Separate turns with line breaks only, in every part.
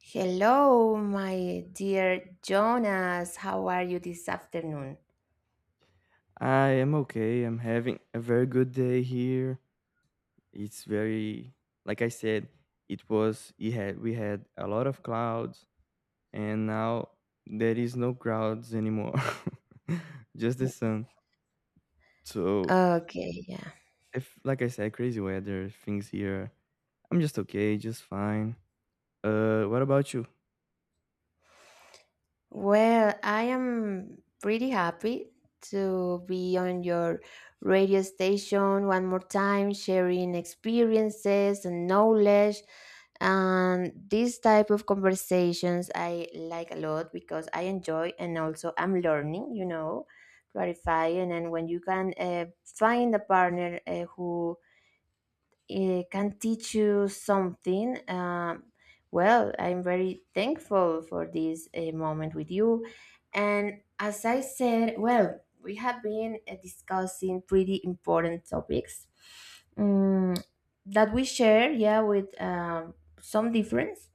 Hello, my dear Jonas. How are you this afternoon?
I am okay. I'm having a very good day here. It's very, like I said, it was, it had, we had a lot of clouds and now there is no clouds anymore. Just the sun. So,
Okay, yeah.
if, like I said, crazy weather, things here. I'm just okay, just fine. What about you?
Well, I am pretty happy to be on your radio station one more time, sharing experiences and knowledge. And this type of conversations I like a lot because I enjoy and also I'm learning, you know, clarifying. And when you can find a partner who can teach you something, well, I'm very thankful for this moment with you. And as I said, well, we have been discussing pretty important topics um, that we share, yeah, with some difference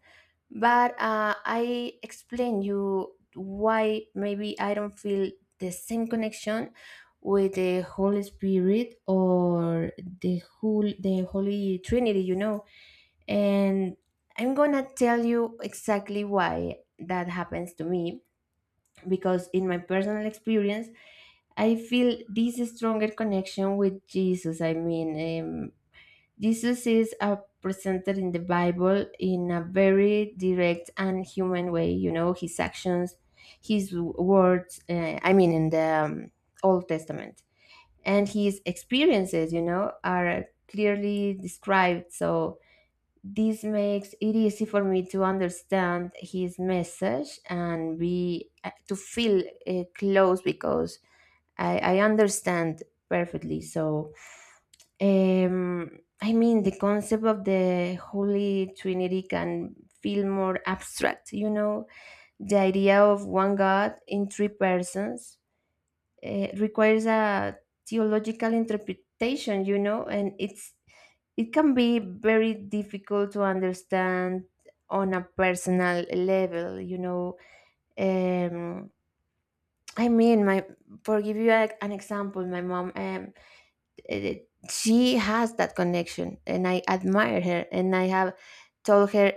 but I explain you why maybe I don't feel the same connection with the holy spirit or the holy trinity, you know. And I'm gonna tell you exactly why that happens to me, because in my personal experience I feel this stronger connection with jesus, I mean, diseases are presented in the Bible in a very direct and human way. You know, his actions, words, I mean, in the Old Testament. And his experiences, you know, are clearly described. So this makes it easy for me to understand his message and be to feel close because I understand perfectly. So um, I mean, the concept of the Holy Trinity can feel more abstract, you know, the idea of one God in three persons requires a theological interpretation, you know, and it can be very difficult to understand on a personal level, you know. Um, I mean, my for give you a, an example, my mom. Eh, she has that connection and I admire her and I have told her,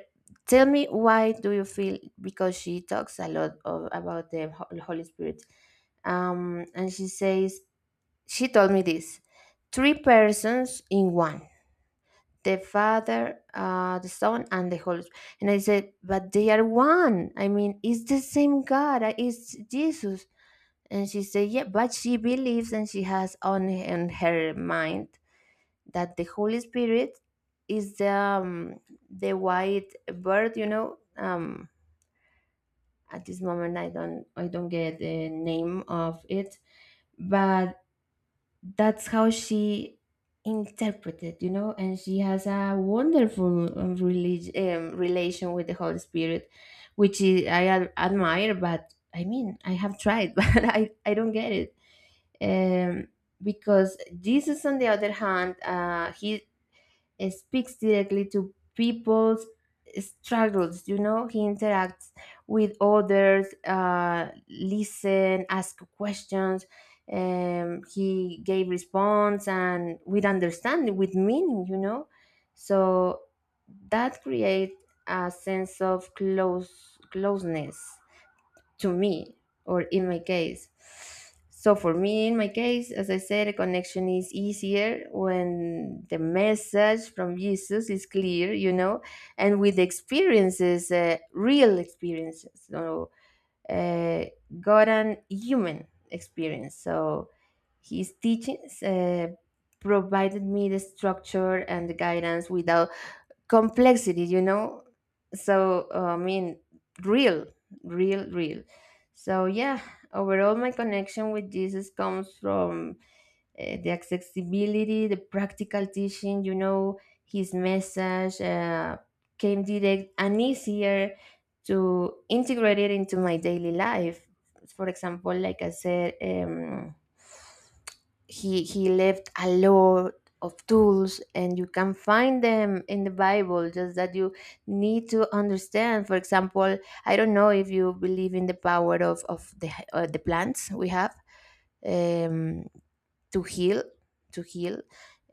tell me why do you feel, because she talks a lot of, about holy spirit, and she says, she told me this, three persons in one, the father, the son and the holy spirit. And I said, but they are one, I mean, it's the same god, it's jesus. And she said yeah, but she believes and she has in her mind that the Holy Spirit is the white bird, you know. At this moment, I don't get the name of it, but that's how she interpreted, you know. And she has a wonderful religion relation with the Holy Spirit, which is, admire. But I mean, I have tried, but I don't get it. Um, because Jesus, on the other hand, he speaks directly to people's struggles. You know, he interacts with others, listen, ask questions. He gave response and with understanding, with meaning. You know, so that creates a sense of closeness to me or in my case. So for me, in my case, as I said, a connection is easier when the message from Jesus is clear, you know, and with experiences, real experiences, so uh, God and human experience. So his teachings provided me the structure and the guidance without complexity, you know. So I mean, real real. So yeah, overall my connection with jesus comes from the accessibility, the practical teaching, you know, his message came direct and easier to integrate it into my daily life. For example, like I said, he left a lot of tools and you can find them in the bible, just that you need to understand. For example, I don't know if you believe in the power of the plants we have, um to heal, to heal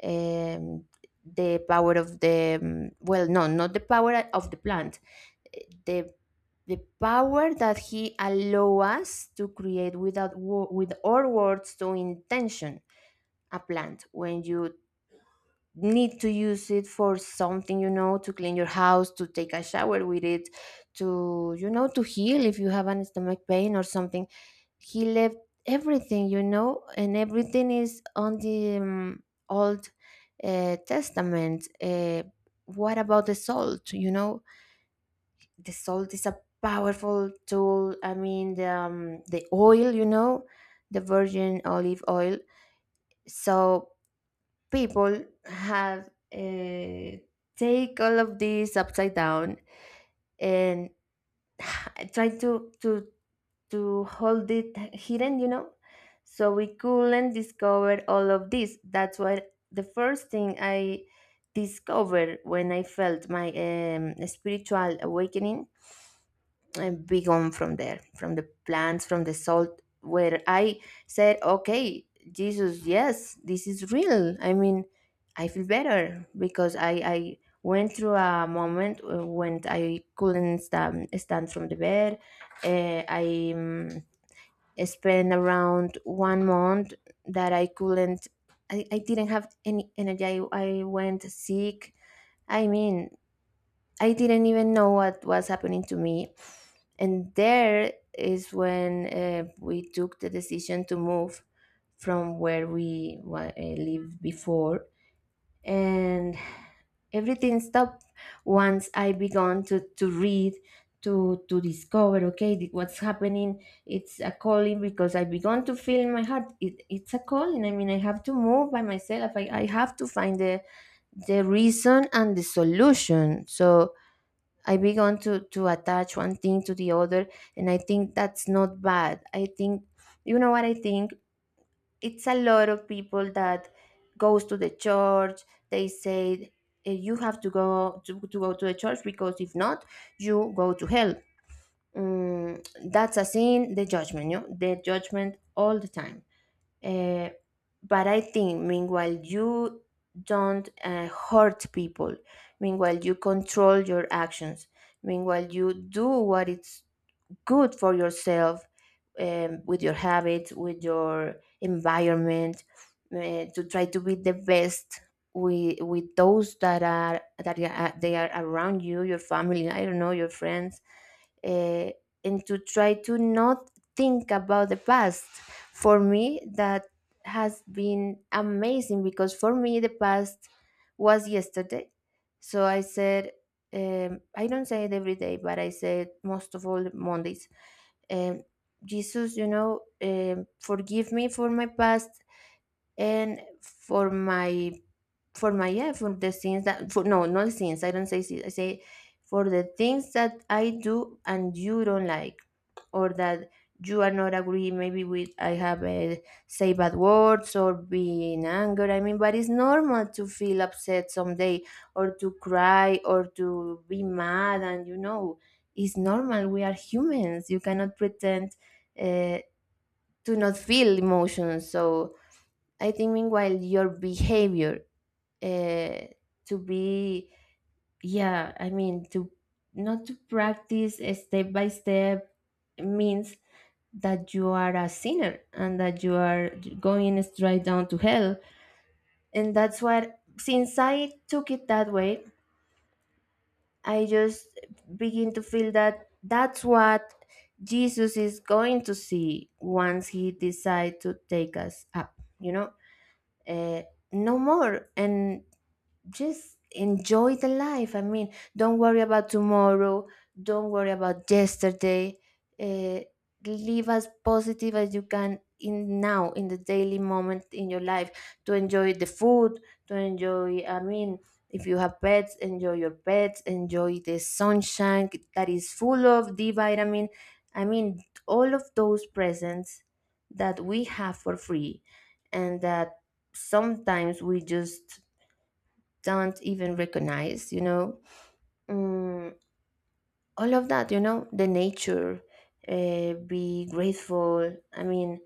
um the power of the well no, not the power of the plant, the the power that he allow us to create without wo- with our words, to intention a plant, when you need to use it for something, you know, to clean your house, to take a shower with it, to, you know, to heal if you have an stomach pain or something. He left everything, you know, and everything is on the old testament. What about the salt, you know. The salt is a powerful tool. I mean the oil, you know, the virgin olive oil. So people have take all of this upside down, and try to hold it hidden, you know, so we couldn't discover all of this. That's why the first thing I discovered, when I felt my spiritual awakening, begun from there, from the plants, from the salt, where I said, okay, Jesus, yes, this is real. I mean, I feel better because I went through a moment when I couldn't stand from the bed. I spent around one month that I couldn't, I didn't have any energy. I went sick. I mean, I didn't even know what was happening to me. And there is when we took the decision to move from where lived before. And everything stopped once I began to read, to discover, okay, what's happening. It's a calling, because I began to feel in my heart it's a calling. I mean, I have to move by myself. I have to find the reason and the solution. So I began to attach one thing to the other, and I think that's not bad. I think you know what I think. It's a lot of people that goes to the church. They say, "Eh, you have to go to go to the church, because if not, you go to hell. Mm, that's a sin. The judgment, you know, the judgment all the time. Uh, but I think, meanwhile, you don't hurt people. Meanwhile, you control your actions. Meanwhile, you do what is good for yourself, with your habits, with your environment, to try to be the best with those that are, they are around you, your family, I don't know, your friends, uh, and to try to not think about the past. For me, that has been amazing, because for me the past was yesterday. So I said, I don't say it every day, but I say it most of all Mondays. Um, Jesus, you know, forgive me for my past and for my yeah, for the things that, for no, not things, I don't say things, I say for the things that I do and you don't like, or that you are not agree maybe with. I have a, say bad words or be in anger, I mean, but it's normal to feel upset someday, or to cry or to be mad, and you know, it's normal, we are humans. You cannot pretend uh, to not feel emotions. So I think meanwhile your behavior uh, to be, yeah, I mean to not to practice step by step, means that you are a sinner and that you are going straight down to hell. And that's what, since I took it that way, I just begin to feel that that's what jesus is going to see once he decides to take us up, you know. uh, no more, and just enjoy the life. I mean, don't worry about tomorrow. Don't worry about yesterday. Uh, live as positive as you can in now, in the daily moment in your life. To enjoy the food, to enjoy, I mean, if you have pets, enjoy your pets, enjoy the sunshine that is full of D vitamin. I mean, all of those presents that we have for free, and that sometimes we just don't even recognize, you know. Mm, all of that, you know, the nature. Be grateful, I mean,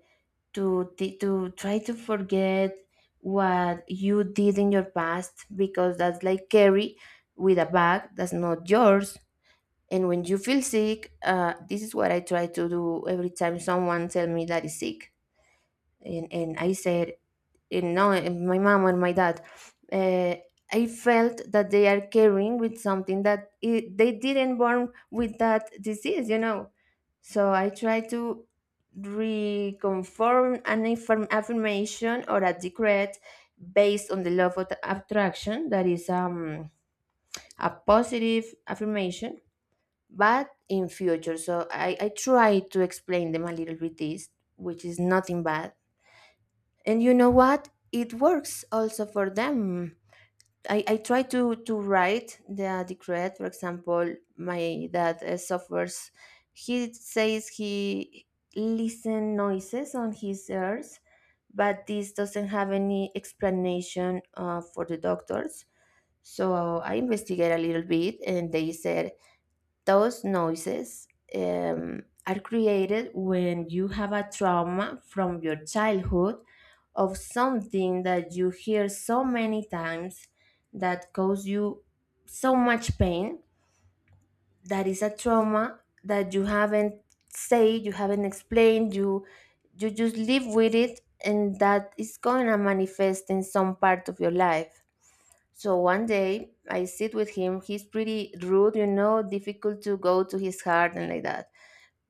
to try to forget what you did in your past, because that's like carry with a bag that's not yours. And when you feel sick, this is what I try to do every time someone tell me that is sick. And I said, you know, in my mom and my dad, uh, I felt that they are carrying with something that it, they didn't born with that disease, you know. So I try to reconform an affirmation or a decret based on the law of attraction, that is a positive affirmation, but in future. So I try to explain them a little bit this, which is nothing bad and you know what it works also for them. I try to write the decree. For example my dad suffers, he says he listen noises on his ears, but this doesn't have any explanation for the doctors. So I investigate a little bit and they said those noises are created when you have a trauma from your childhood, of something that you hear so many times that cause you so much pain, that is a trauma that you haven't said, you haven't explained, you just live with it, and that is going to manifest in some part of your life. So one day I sit with him. He's pretty rude, you know, difficult to go to his heart and like that.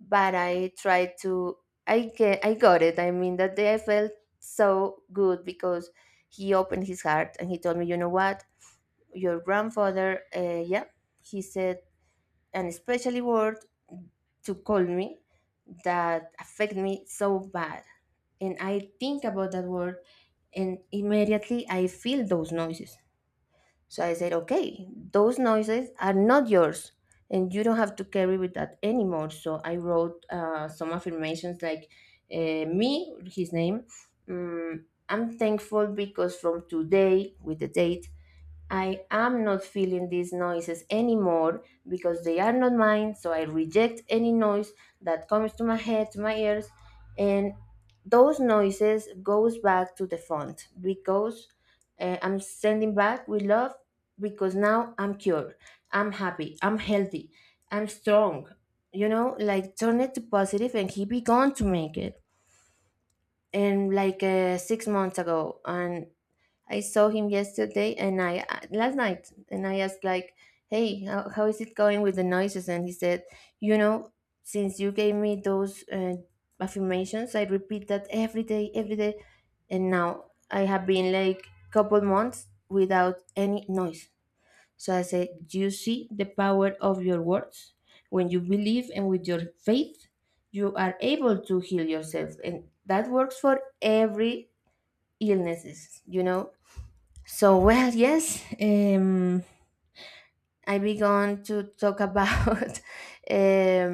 But I tried to. I got it. I mean, that day I felt so good because he opened his heart and he told me, you know what, your grandfather, yeah, he said an especially word to call me that affect me so bad, and I think about that word, and immediately I feel those noises. So I said, okay, those noises are not yours and you don't have to carry with that anymore. So I wrote some affirmations like uh, me, his name, I'm thankful because from today, with the date, I am not feeling these noises anymore because they are not mine, so I reject any noise that comes to my head, to my ears, and those noises goes back to the font because I'm sending back with love because now I'm cured, I'm happy, I'm healthy, I'm strong. You know, like turn it to positive and keep it began to make it. And like 6 months ago, and I saw him yesterday and I last night and I asked like, "Hey, how is it going with the noises?" And he said, "You know, since you gave me those affirmations, I repeat that every day, and now I have been like couple months without any noise." So I said, "You see the power of your words. When you believe and with your faith, you are able to heal yourself, and that works for every illnesses. You know, so well, yes, I began to talk about um,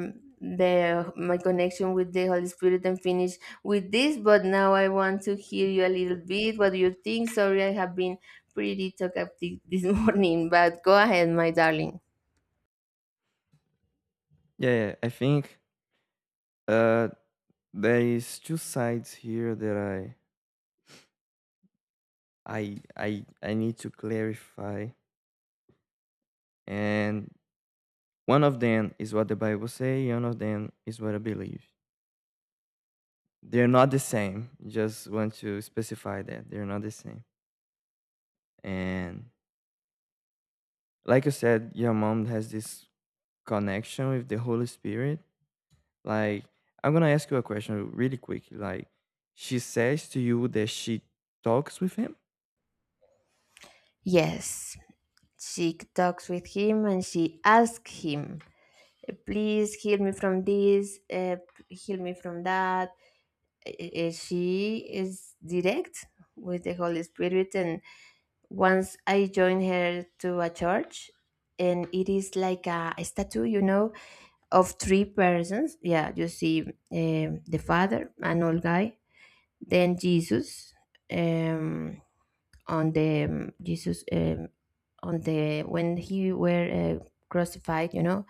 the my connection with the Holy Spirit and finish with this. But now I want to hear you a little bit. What do you think? Sorry, I have been pretty talkative this morning, but go ahead, my darling.
Yeah, yeah, I think uh there is two sides here that I need to clarify. And one of them is what the Bible say, one of them is what I believe. They're not the same. Just want to specify that they're not the same. And like you said, your mom has this connection with the Holy Spirit. Like I'm gonna ask you a question really quick. Like she says to you that she talks with him.
Yes, she talks with him and she asks him, "Please heal me from this. Heal me from that." She is direct with the Holy Spirit. And once I joined her to a church, and it is like a statue, you know, of three persons. Yeah, you see the Father, an old guy, then Jesus, um, on the Jesus, on the when he were uh, crucified, you know,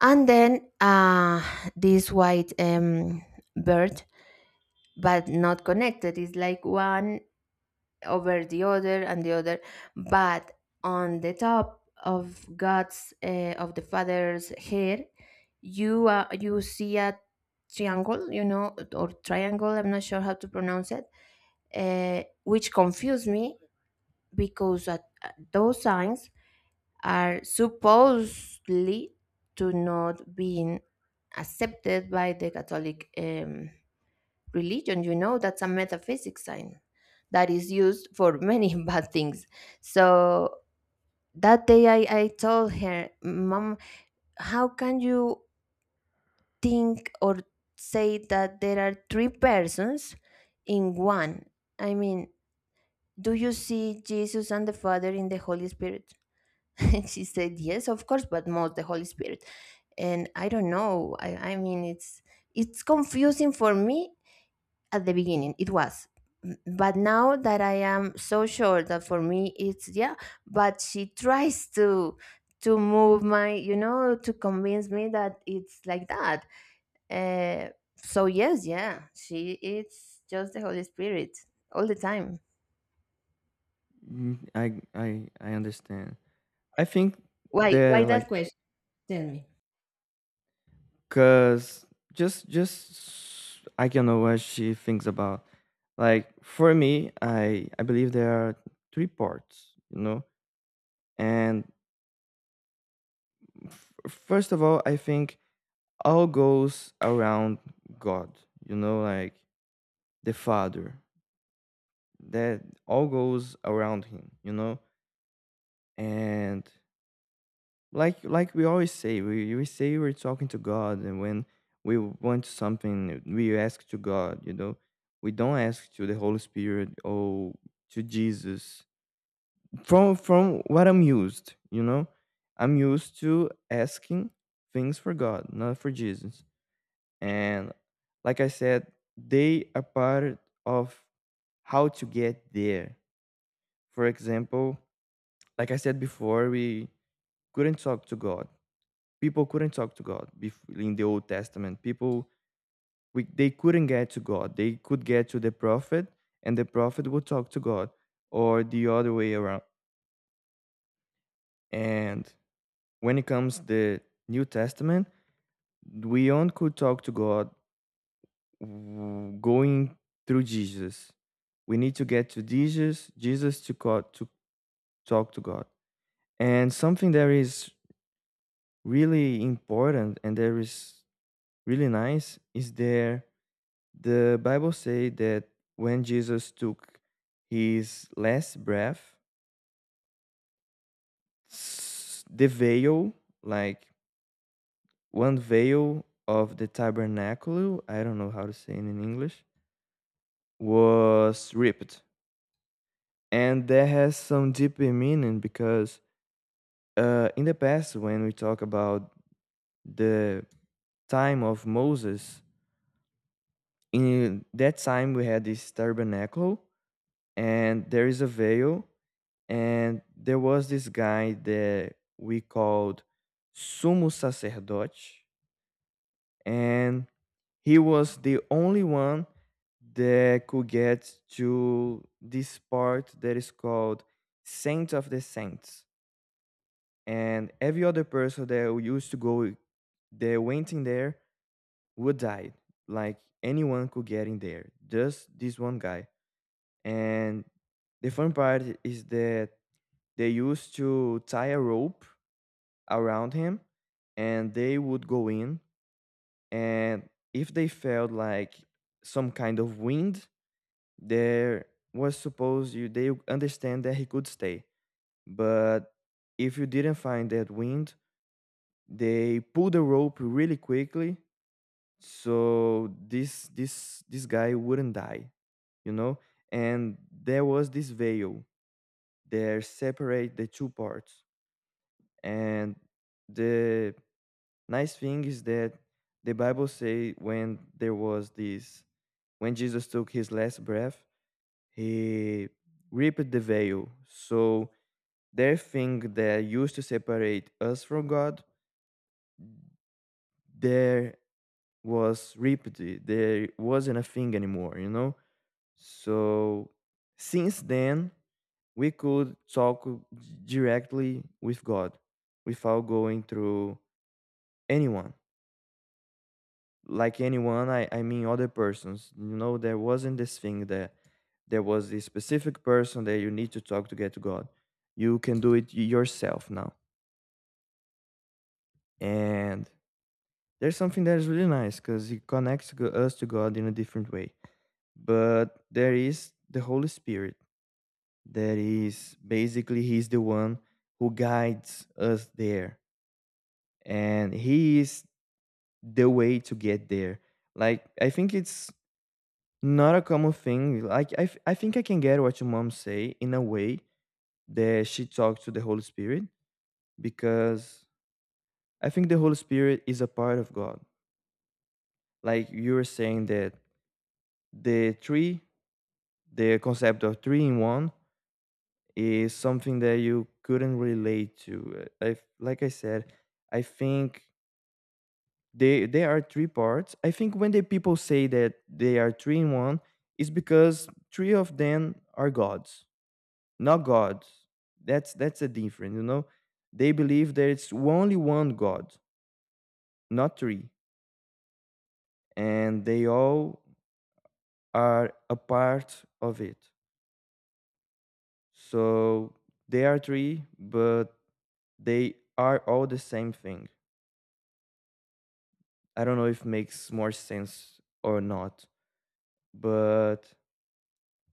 and then this white bird, but not connected. It's like one over the other and the other. But on the top of God's, of the Father's head, you you see a triangle, you know, or triangle, I'm not sure how to pronounce it, which confused me because at those signs are supposedly to not being accepted by the Catholic religion, you know, that's a metaphysics sign that is used for many bad things. So that day I told her mom, how can you think or say that there are three persons in one? I mean, do you see Jesus and the Father in the Holy Spirit? And she said yes, of course, but most the Holy Spirit. And I don't know, I mean it's confusing for me. At the beginning it was but now that I am so sure that for me it's yeah. But she tries to move my, you know, to convince me that it's like that. uh, so yes, yeah, she it's just the Holy Spirit all the time.
Mm, I understand. I think
Why
the like
that question, tell me.
cause just I don't know what she thinks about. Like for me, I believe there are three parts, you know. And first of all, I think all goes around God, you know, like the Father. That all goes around him, you know. And like we always say, we say we're talking to God. And when we want something, we ask to God, you know. We don't ask to the Holy Spirit or to Jesus. From what I'm used, you know, I'm used to asking things for God, not for Jesus. And like I said, they are part of how to get there. For example, like I said before, we couldn't talk to God. People couldn't talk to God, in the Old Testament, people, they couldn't get to God. They could get to the prophet, and the prophet would talk to God, or the other way around. And when it comes the New Testament, we only could talk to God, going through Jesus. We need to get to Jesus, Jesus to God, to talk to God. And something that is really important and that is really nice is there. The Bible say that when Jesus took his last breath, the veil, like one veil of the tabernacle, I don't know how to say it in English, was ripped. And that has some deeper meaning, because in the past, when we talk about the time of Moses, in that time we had this tabernacle, and there is a veil, and there was this guy that we called Sumo Sacerdote, and he was the only one that could get to this part that is called Saint of the Saints. And every other person that used to go, that went in there, would die. Like anyone could get in there, just this one guy. And the fun part is that they used to tie a rope around him, and they would go in, and if they felt like some kind of wind there, was supposed, you they understand that he could stay. But if you didn't find that wind, they pulled the rope really quickly, so this guy wouldn't die, you know. And there was this veil there, separate the two parts. And the nice thing is that the Bible say, when there was this when Jesus took his last breath, he ripped the veil. So their thing that used to separate us from God, there was ripped. There wasn't a thing anymore, you know? So since then, we could talk directly with God without going through anyone. Like anyone, I mean, other persons, you know. There wasn't this thing that there was a specific person that you need to talk to get to God. You can do it yourself now. And there's something that is really nice because it connects us to God in a different way. But there is the Holy Spirit that is basically, he's the one who guides us there, and he is the way to get there. Like I think it's not a common thing. Like I think I can get what your mom say in a way that she talks to the Holy Spirit, because I think the Holy Spirit is a part of God. Like you were saying that the three, the concept of three in one, is something that you couldn't relate to. I, like I said, I think they are three parts. I think when the people say that they are three in one, it's because three of them are gods, not God. That's a difference, you know. They believe there is only one God, not three, and they all are a part of it. So they are three, but they are all the same thing. I don't know if makes more sense or not, but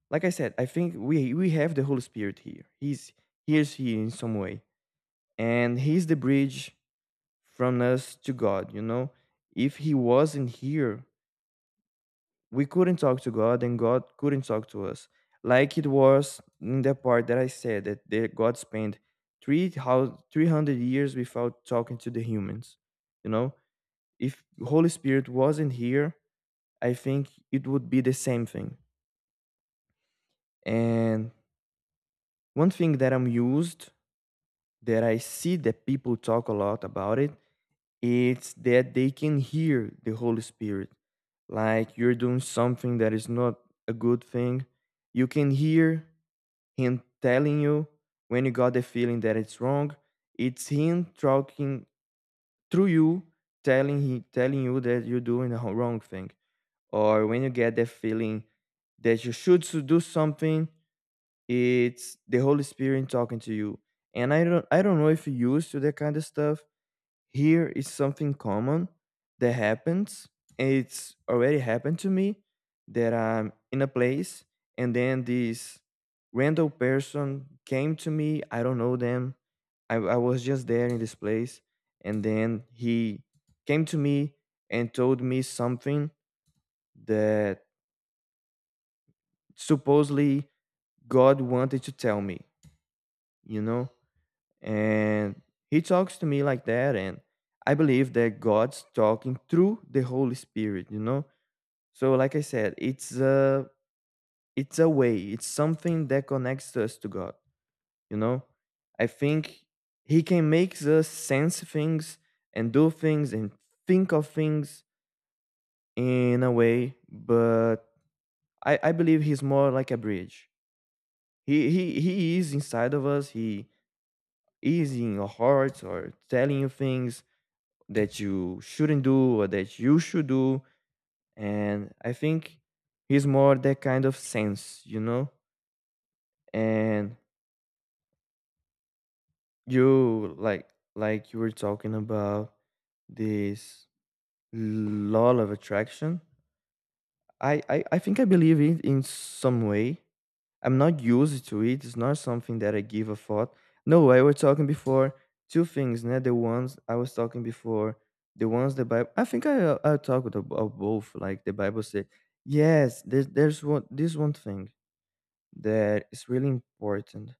like I said, I think we have the Holy Spirit here. He's here's here in some way, and he's the bridge from us to God, you know? If he wasn't here, we couldn't talk to God and God couldn't talk to us. Like it was in the part that I said that God spent 300 years without talking to the humans, you know? If Holy Spirit wasn't here, I think it would be the same thing. And one thing that I'm used, that I see that people talk a lot about it, it's that they can hear the Holy Spirit. Like you're doing something that is not a good thing. You can hear Him telling you when you got the feeling that it's wrong. It's Him talking through you, telling, telling you that you're doing the wrong thing. Or when you get the feeling that you should do something, it's the Holy Spirit talking to you. And I don't know if you used to that kind of stuff. Here is something common that happens. It's already happened to me that I'm in a place, and then this random person came to me. I don't know them. I was just there in this place, and then he came to me and told me something that supposedly God wanted to tell me, you know. And he talks to me like that. And I believe that God's talking through the Holy Spirit, you know? So like I said, it's a, it's a way, it's something that connects us to God, you know? I think he can make us sense things and do things and think of things in a way, but I believe he's more like a bridge. He is inside of us, he is in your heart or telling you things that you shouldn't do or that you should do. And I think he's more that kind of sense, you know? And you like you were talking about this law of attraction. I think I believe it in some way. I'm not used to it. It's not something that I give a thought. No, I was talking before two things, né? The ones I was talking before, the ones the Bible. I think I talked about both. Like the Bible said, yes, there's one, this one thing that is really important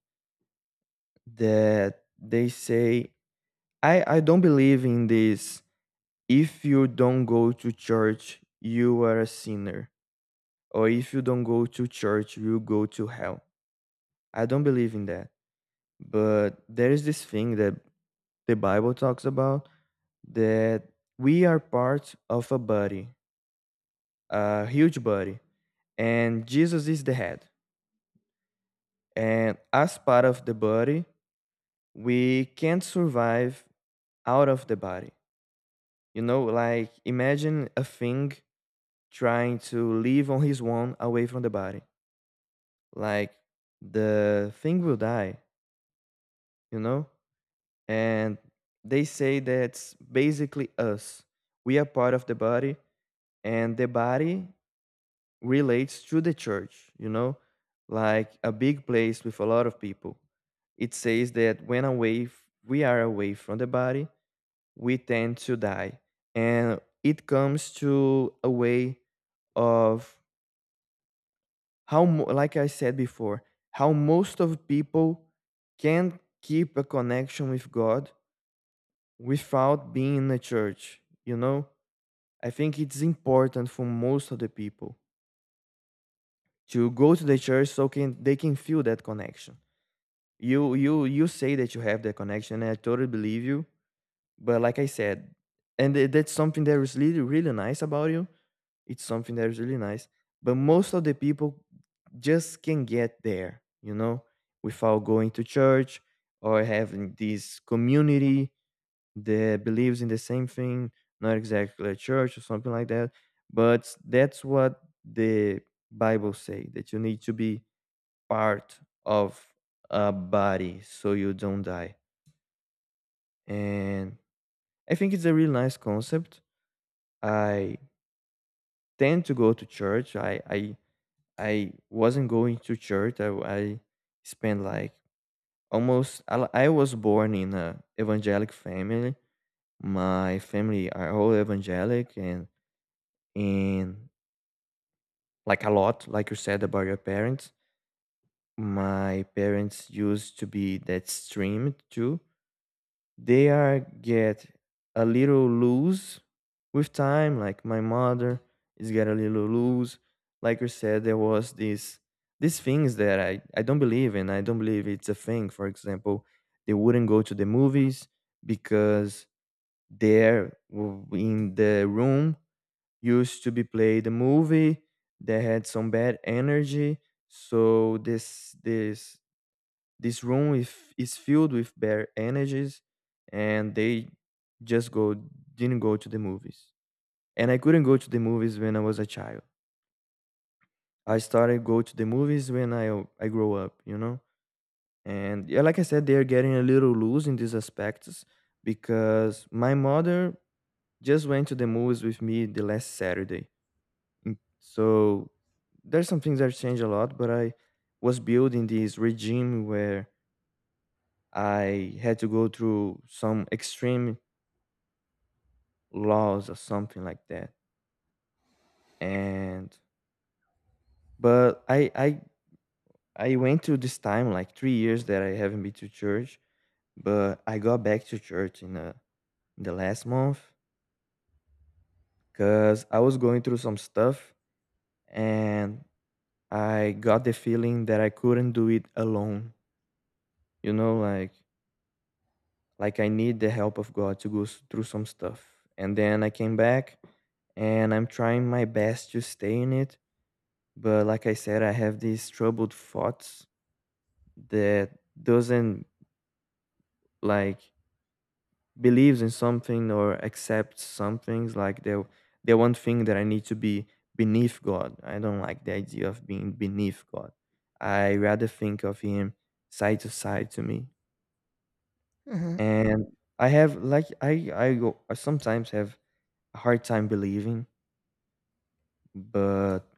that they say. I don't believe in this. If you don't go to church, you are a sinner, or if you don't go to church, you'll go to hell. I don't believe in that. But there is this thing that the Bible talks about, that we are part of a body, a huge body, and Jesus is the head. And as part of the body, we can't survive out of the body. You know, like imagine a thing trying to live on his own away from the body. Like the thing will die, you know? And they say that's basically us. We are part of the body, and the body relates to the church, you know, like a big place with a lot of people. It says that when away, we are away from the body, we tend to die. And it comes to a way of how, like I said before, how most of people can keep a connection with God without being in a church. You know, I think it's important for most of the people to go to the church so can they can feel that connection. You say that you have that connection, and I totally believe you. But like I said, and that's something that is really really nice about you. It's something that is really nice. But most of the people just can get there, you know, without going to church or having this community that believes in the same thing, not exactly a church or something like that, but that's what the Bible say that you need to be part of a body so you don't die. And I think it's a really nice concept. I tend to go to church. I wasn't going to church. I spent like almost I was born in a evangelic family. My family are all evangelic and like a lot, like you said about your parents. My parents used to be that streamed too. They are get a little loose with time. Like my mother is get a little loose. Like you said, there was this these things that I don't believe in. I don't believe it's a thing. For example, they wouldn't go to the movies because in the room used to be played a movie that had some bad energy. So this room if, is filled with bad energies, and they just go didn't go to the movies. And I couldn't go to the movies when I was a child. I started go to the movies when I grow up. And yeah, like I said, they are getting a little loose in these aspects because my mother just went to the movies with me the last Saturday. So there's some things that changed a lot, but I was building this regime where I had to go through some extreme laws or something like that. And but I went through this time like 3 years that I haven't been to church, but I got back to church in the last month because I was going through some stuff, and I got the feeling that I couldn't do it alone. You know, like I need the help of God to through some stuff. And then I came back and I'm trying my best to stay in it, but like I said, I have these troubled thoughts that doesn't like believes in something or accepts some things, like the one thing that I need to be beneath God. I don't like the idea of being beneath God. I rather think of him side to side to me.
Hmm.
And I have, like, I sometimes have a hard time believing, but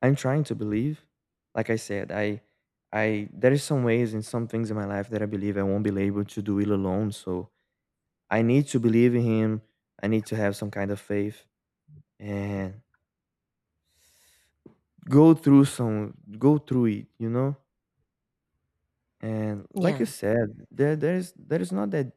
I'm trying to believe. Like I said, I there is some ways and some things in my life that I believe I won't be able to do it alone. So I need to believe in him. I need to have some kind of faith and go through it, you know? And like
Yeah.
you said, there is not that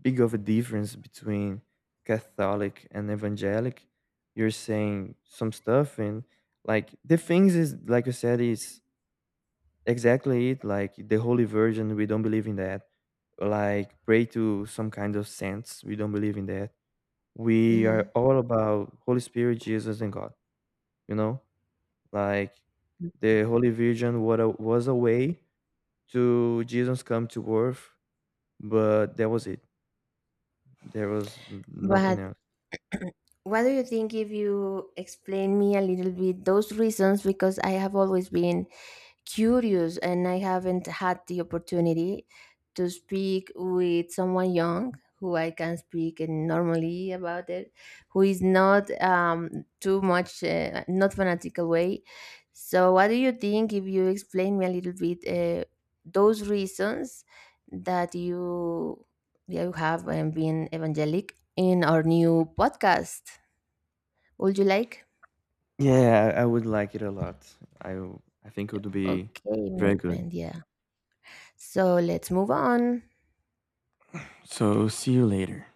big of a difference between Catholic and evangelic. You're saying some stuff, and like the things is like you said is exactly it. Like the Holy Virgin, we don't believe in that. Like pray to some kind of saints, we don't believe in that. We are
Hmm.
all about Holy Spirit, Jesus, and god you know like the Holy Virgin was a way to Jesus come to earth, but that was it. There was nothing
But
else.
what do you think if you explain me a little bit those reasons, because I have always been curious and I haven't had the opportunity to speak with someone young who I can speak and normally about it, who is not too much, not fanatical way. So, what do you think if you explain me a little bit those reasons that you have been evangelic in our new podcast? Would you like?
Yeah, I would like it a lot. I think it would be
Okay, my
very good.
friend. Yeah. So let's move on.
So see you later.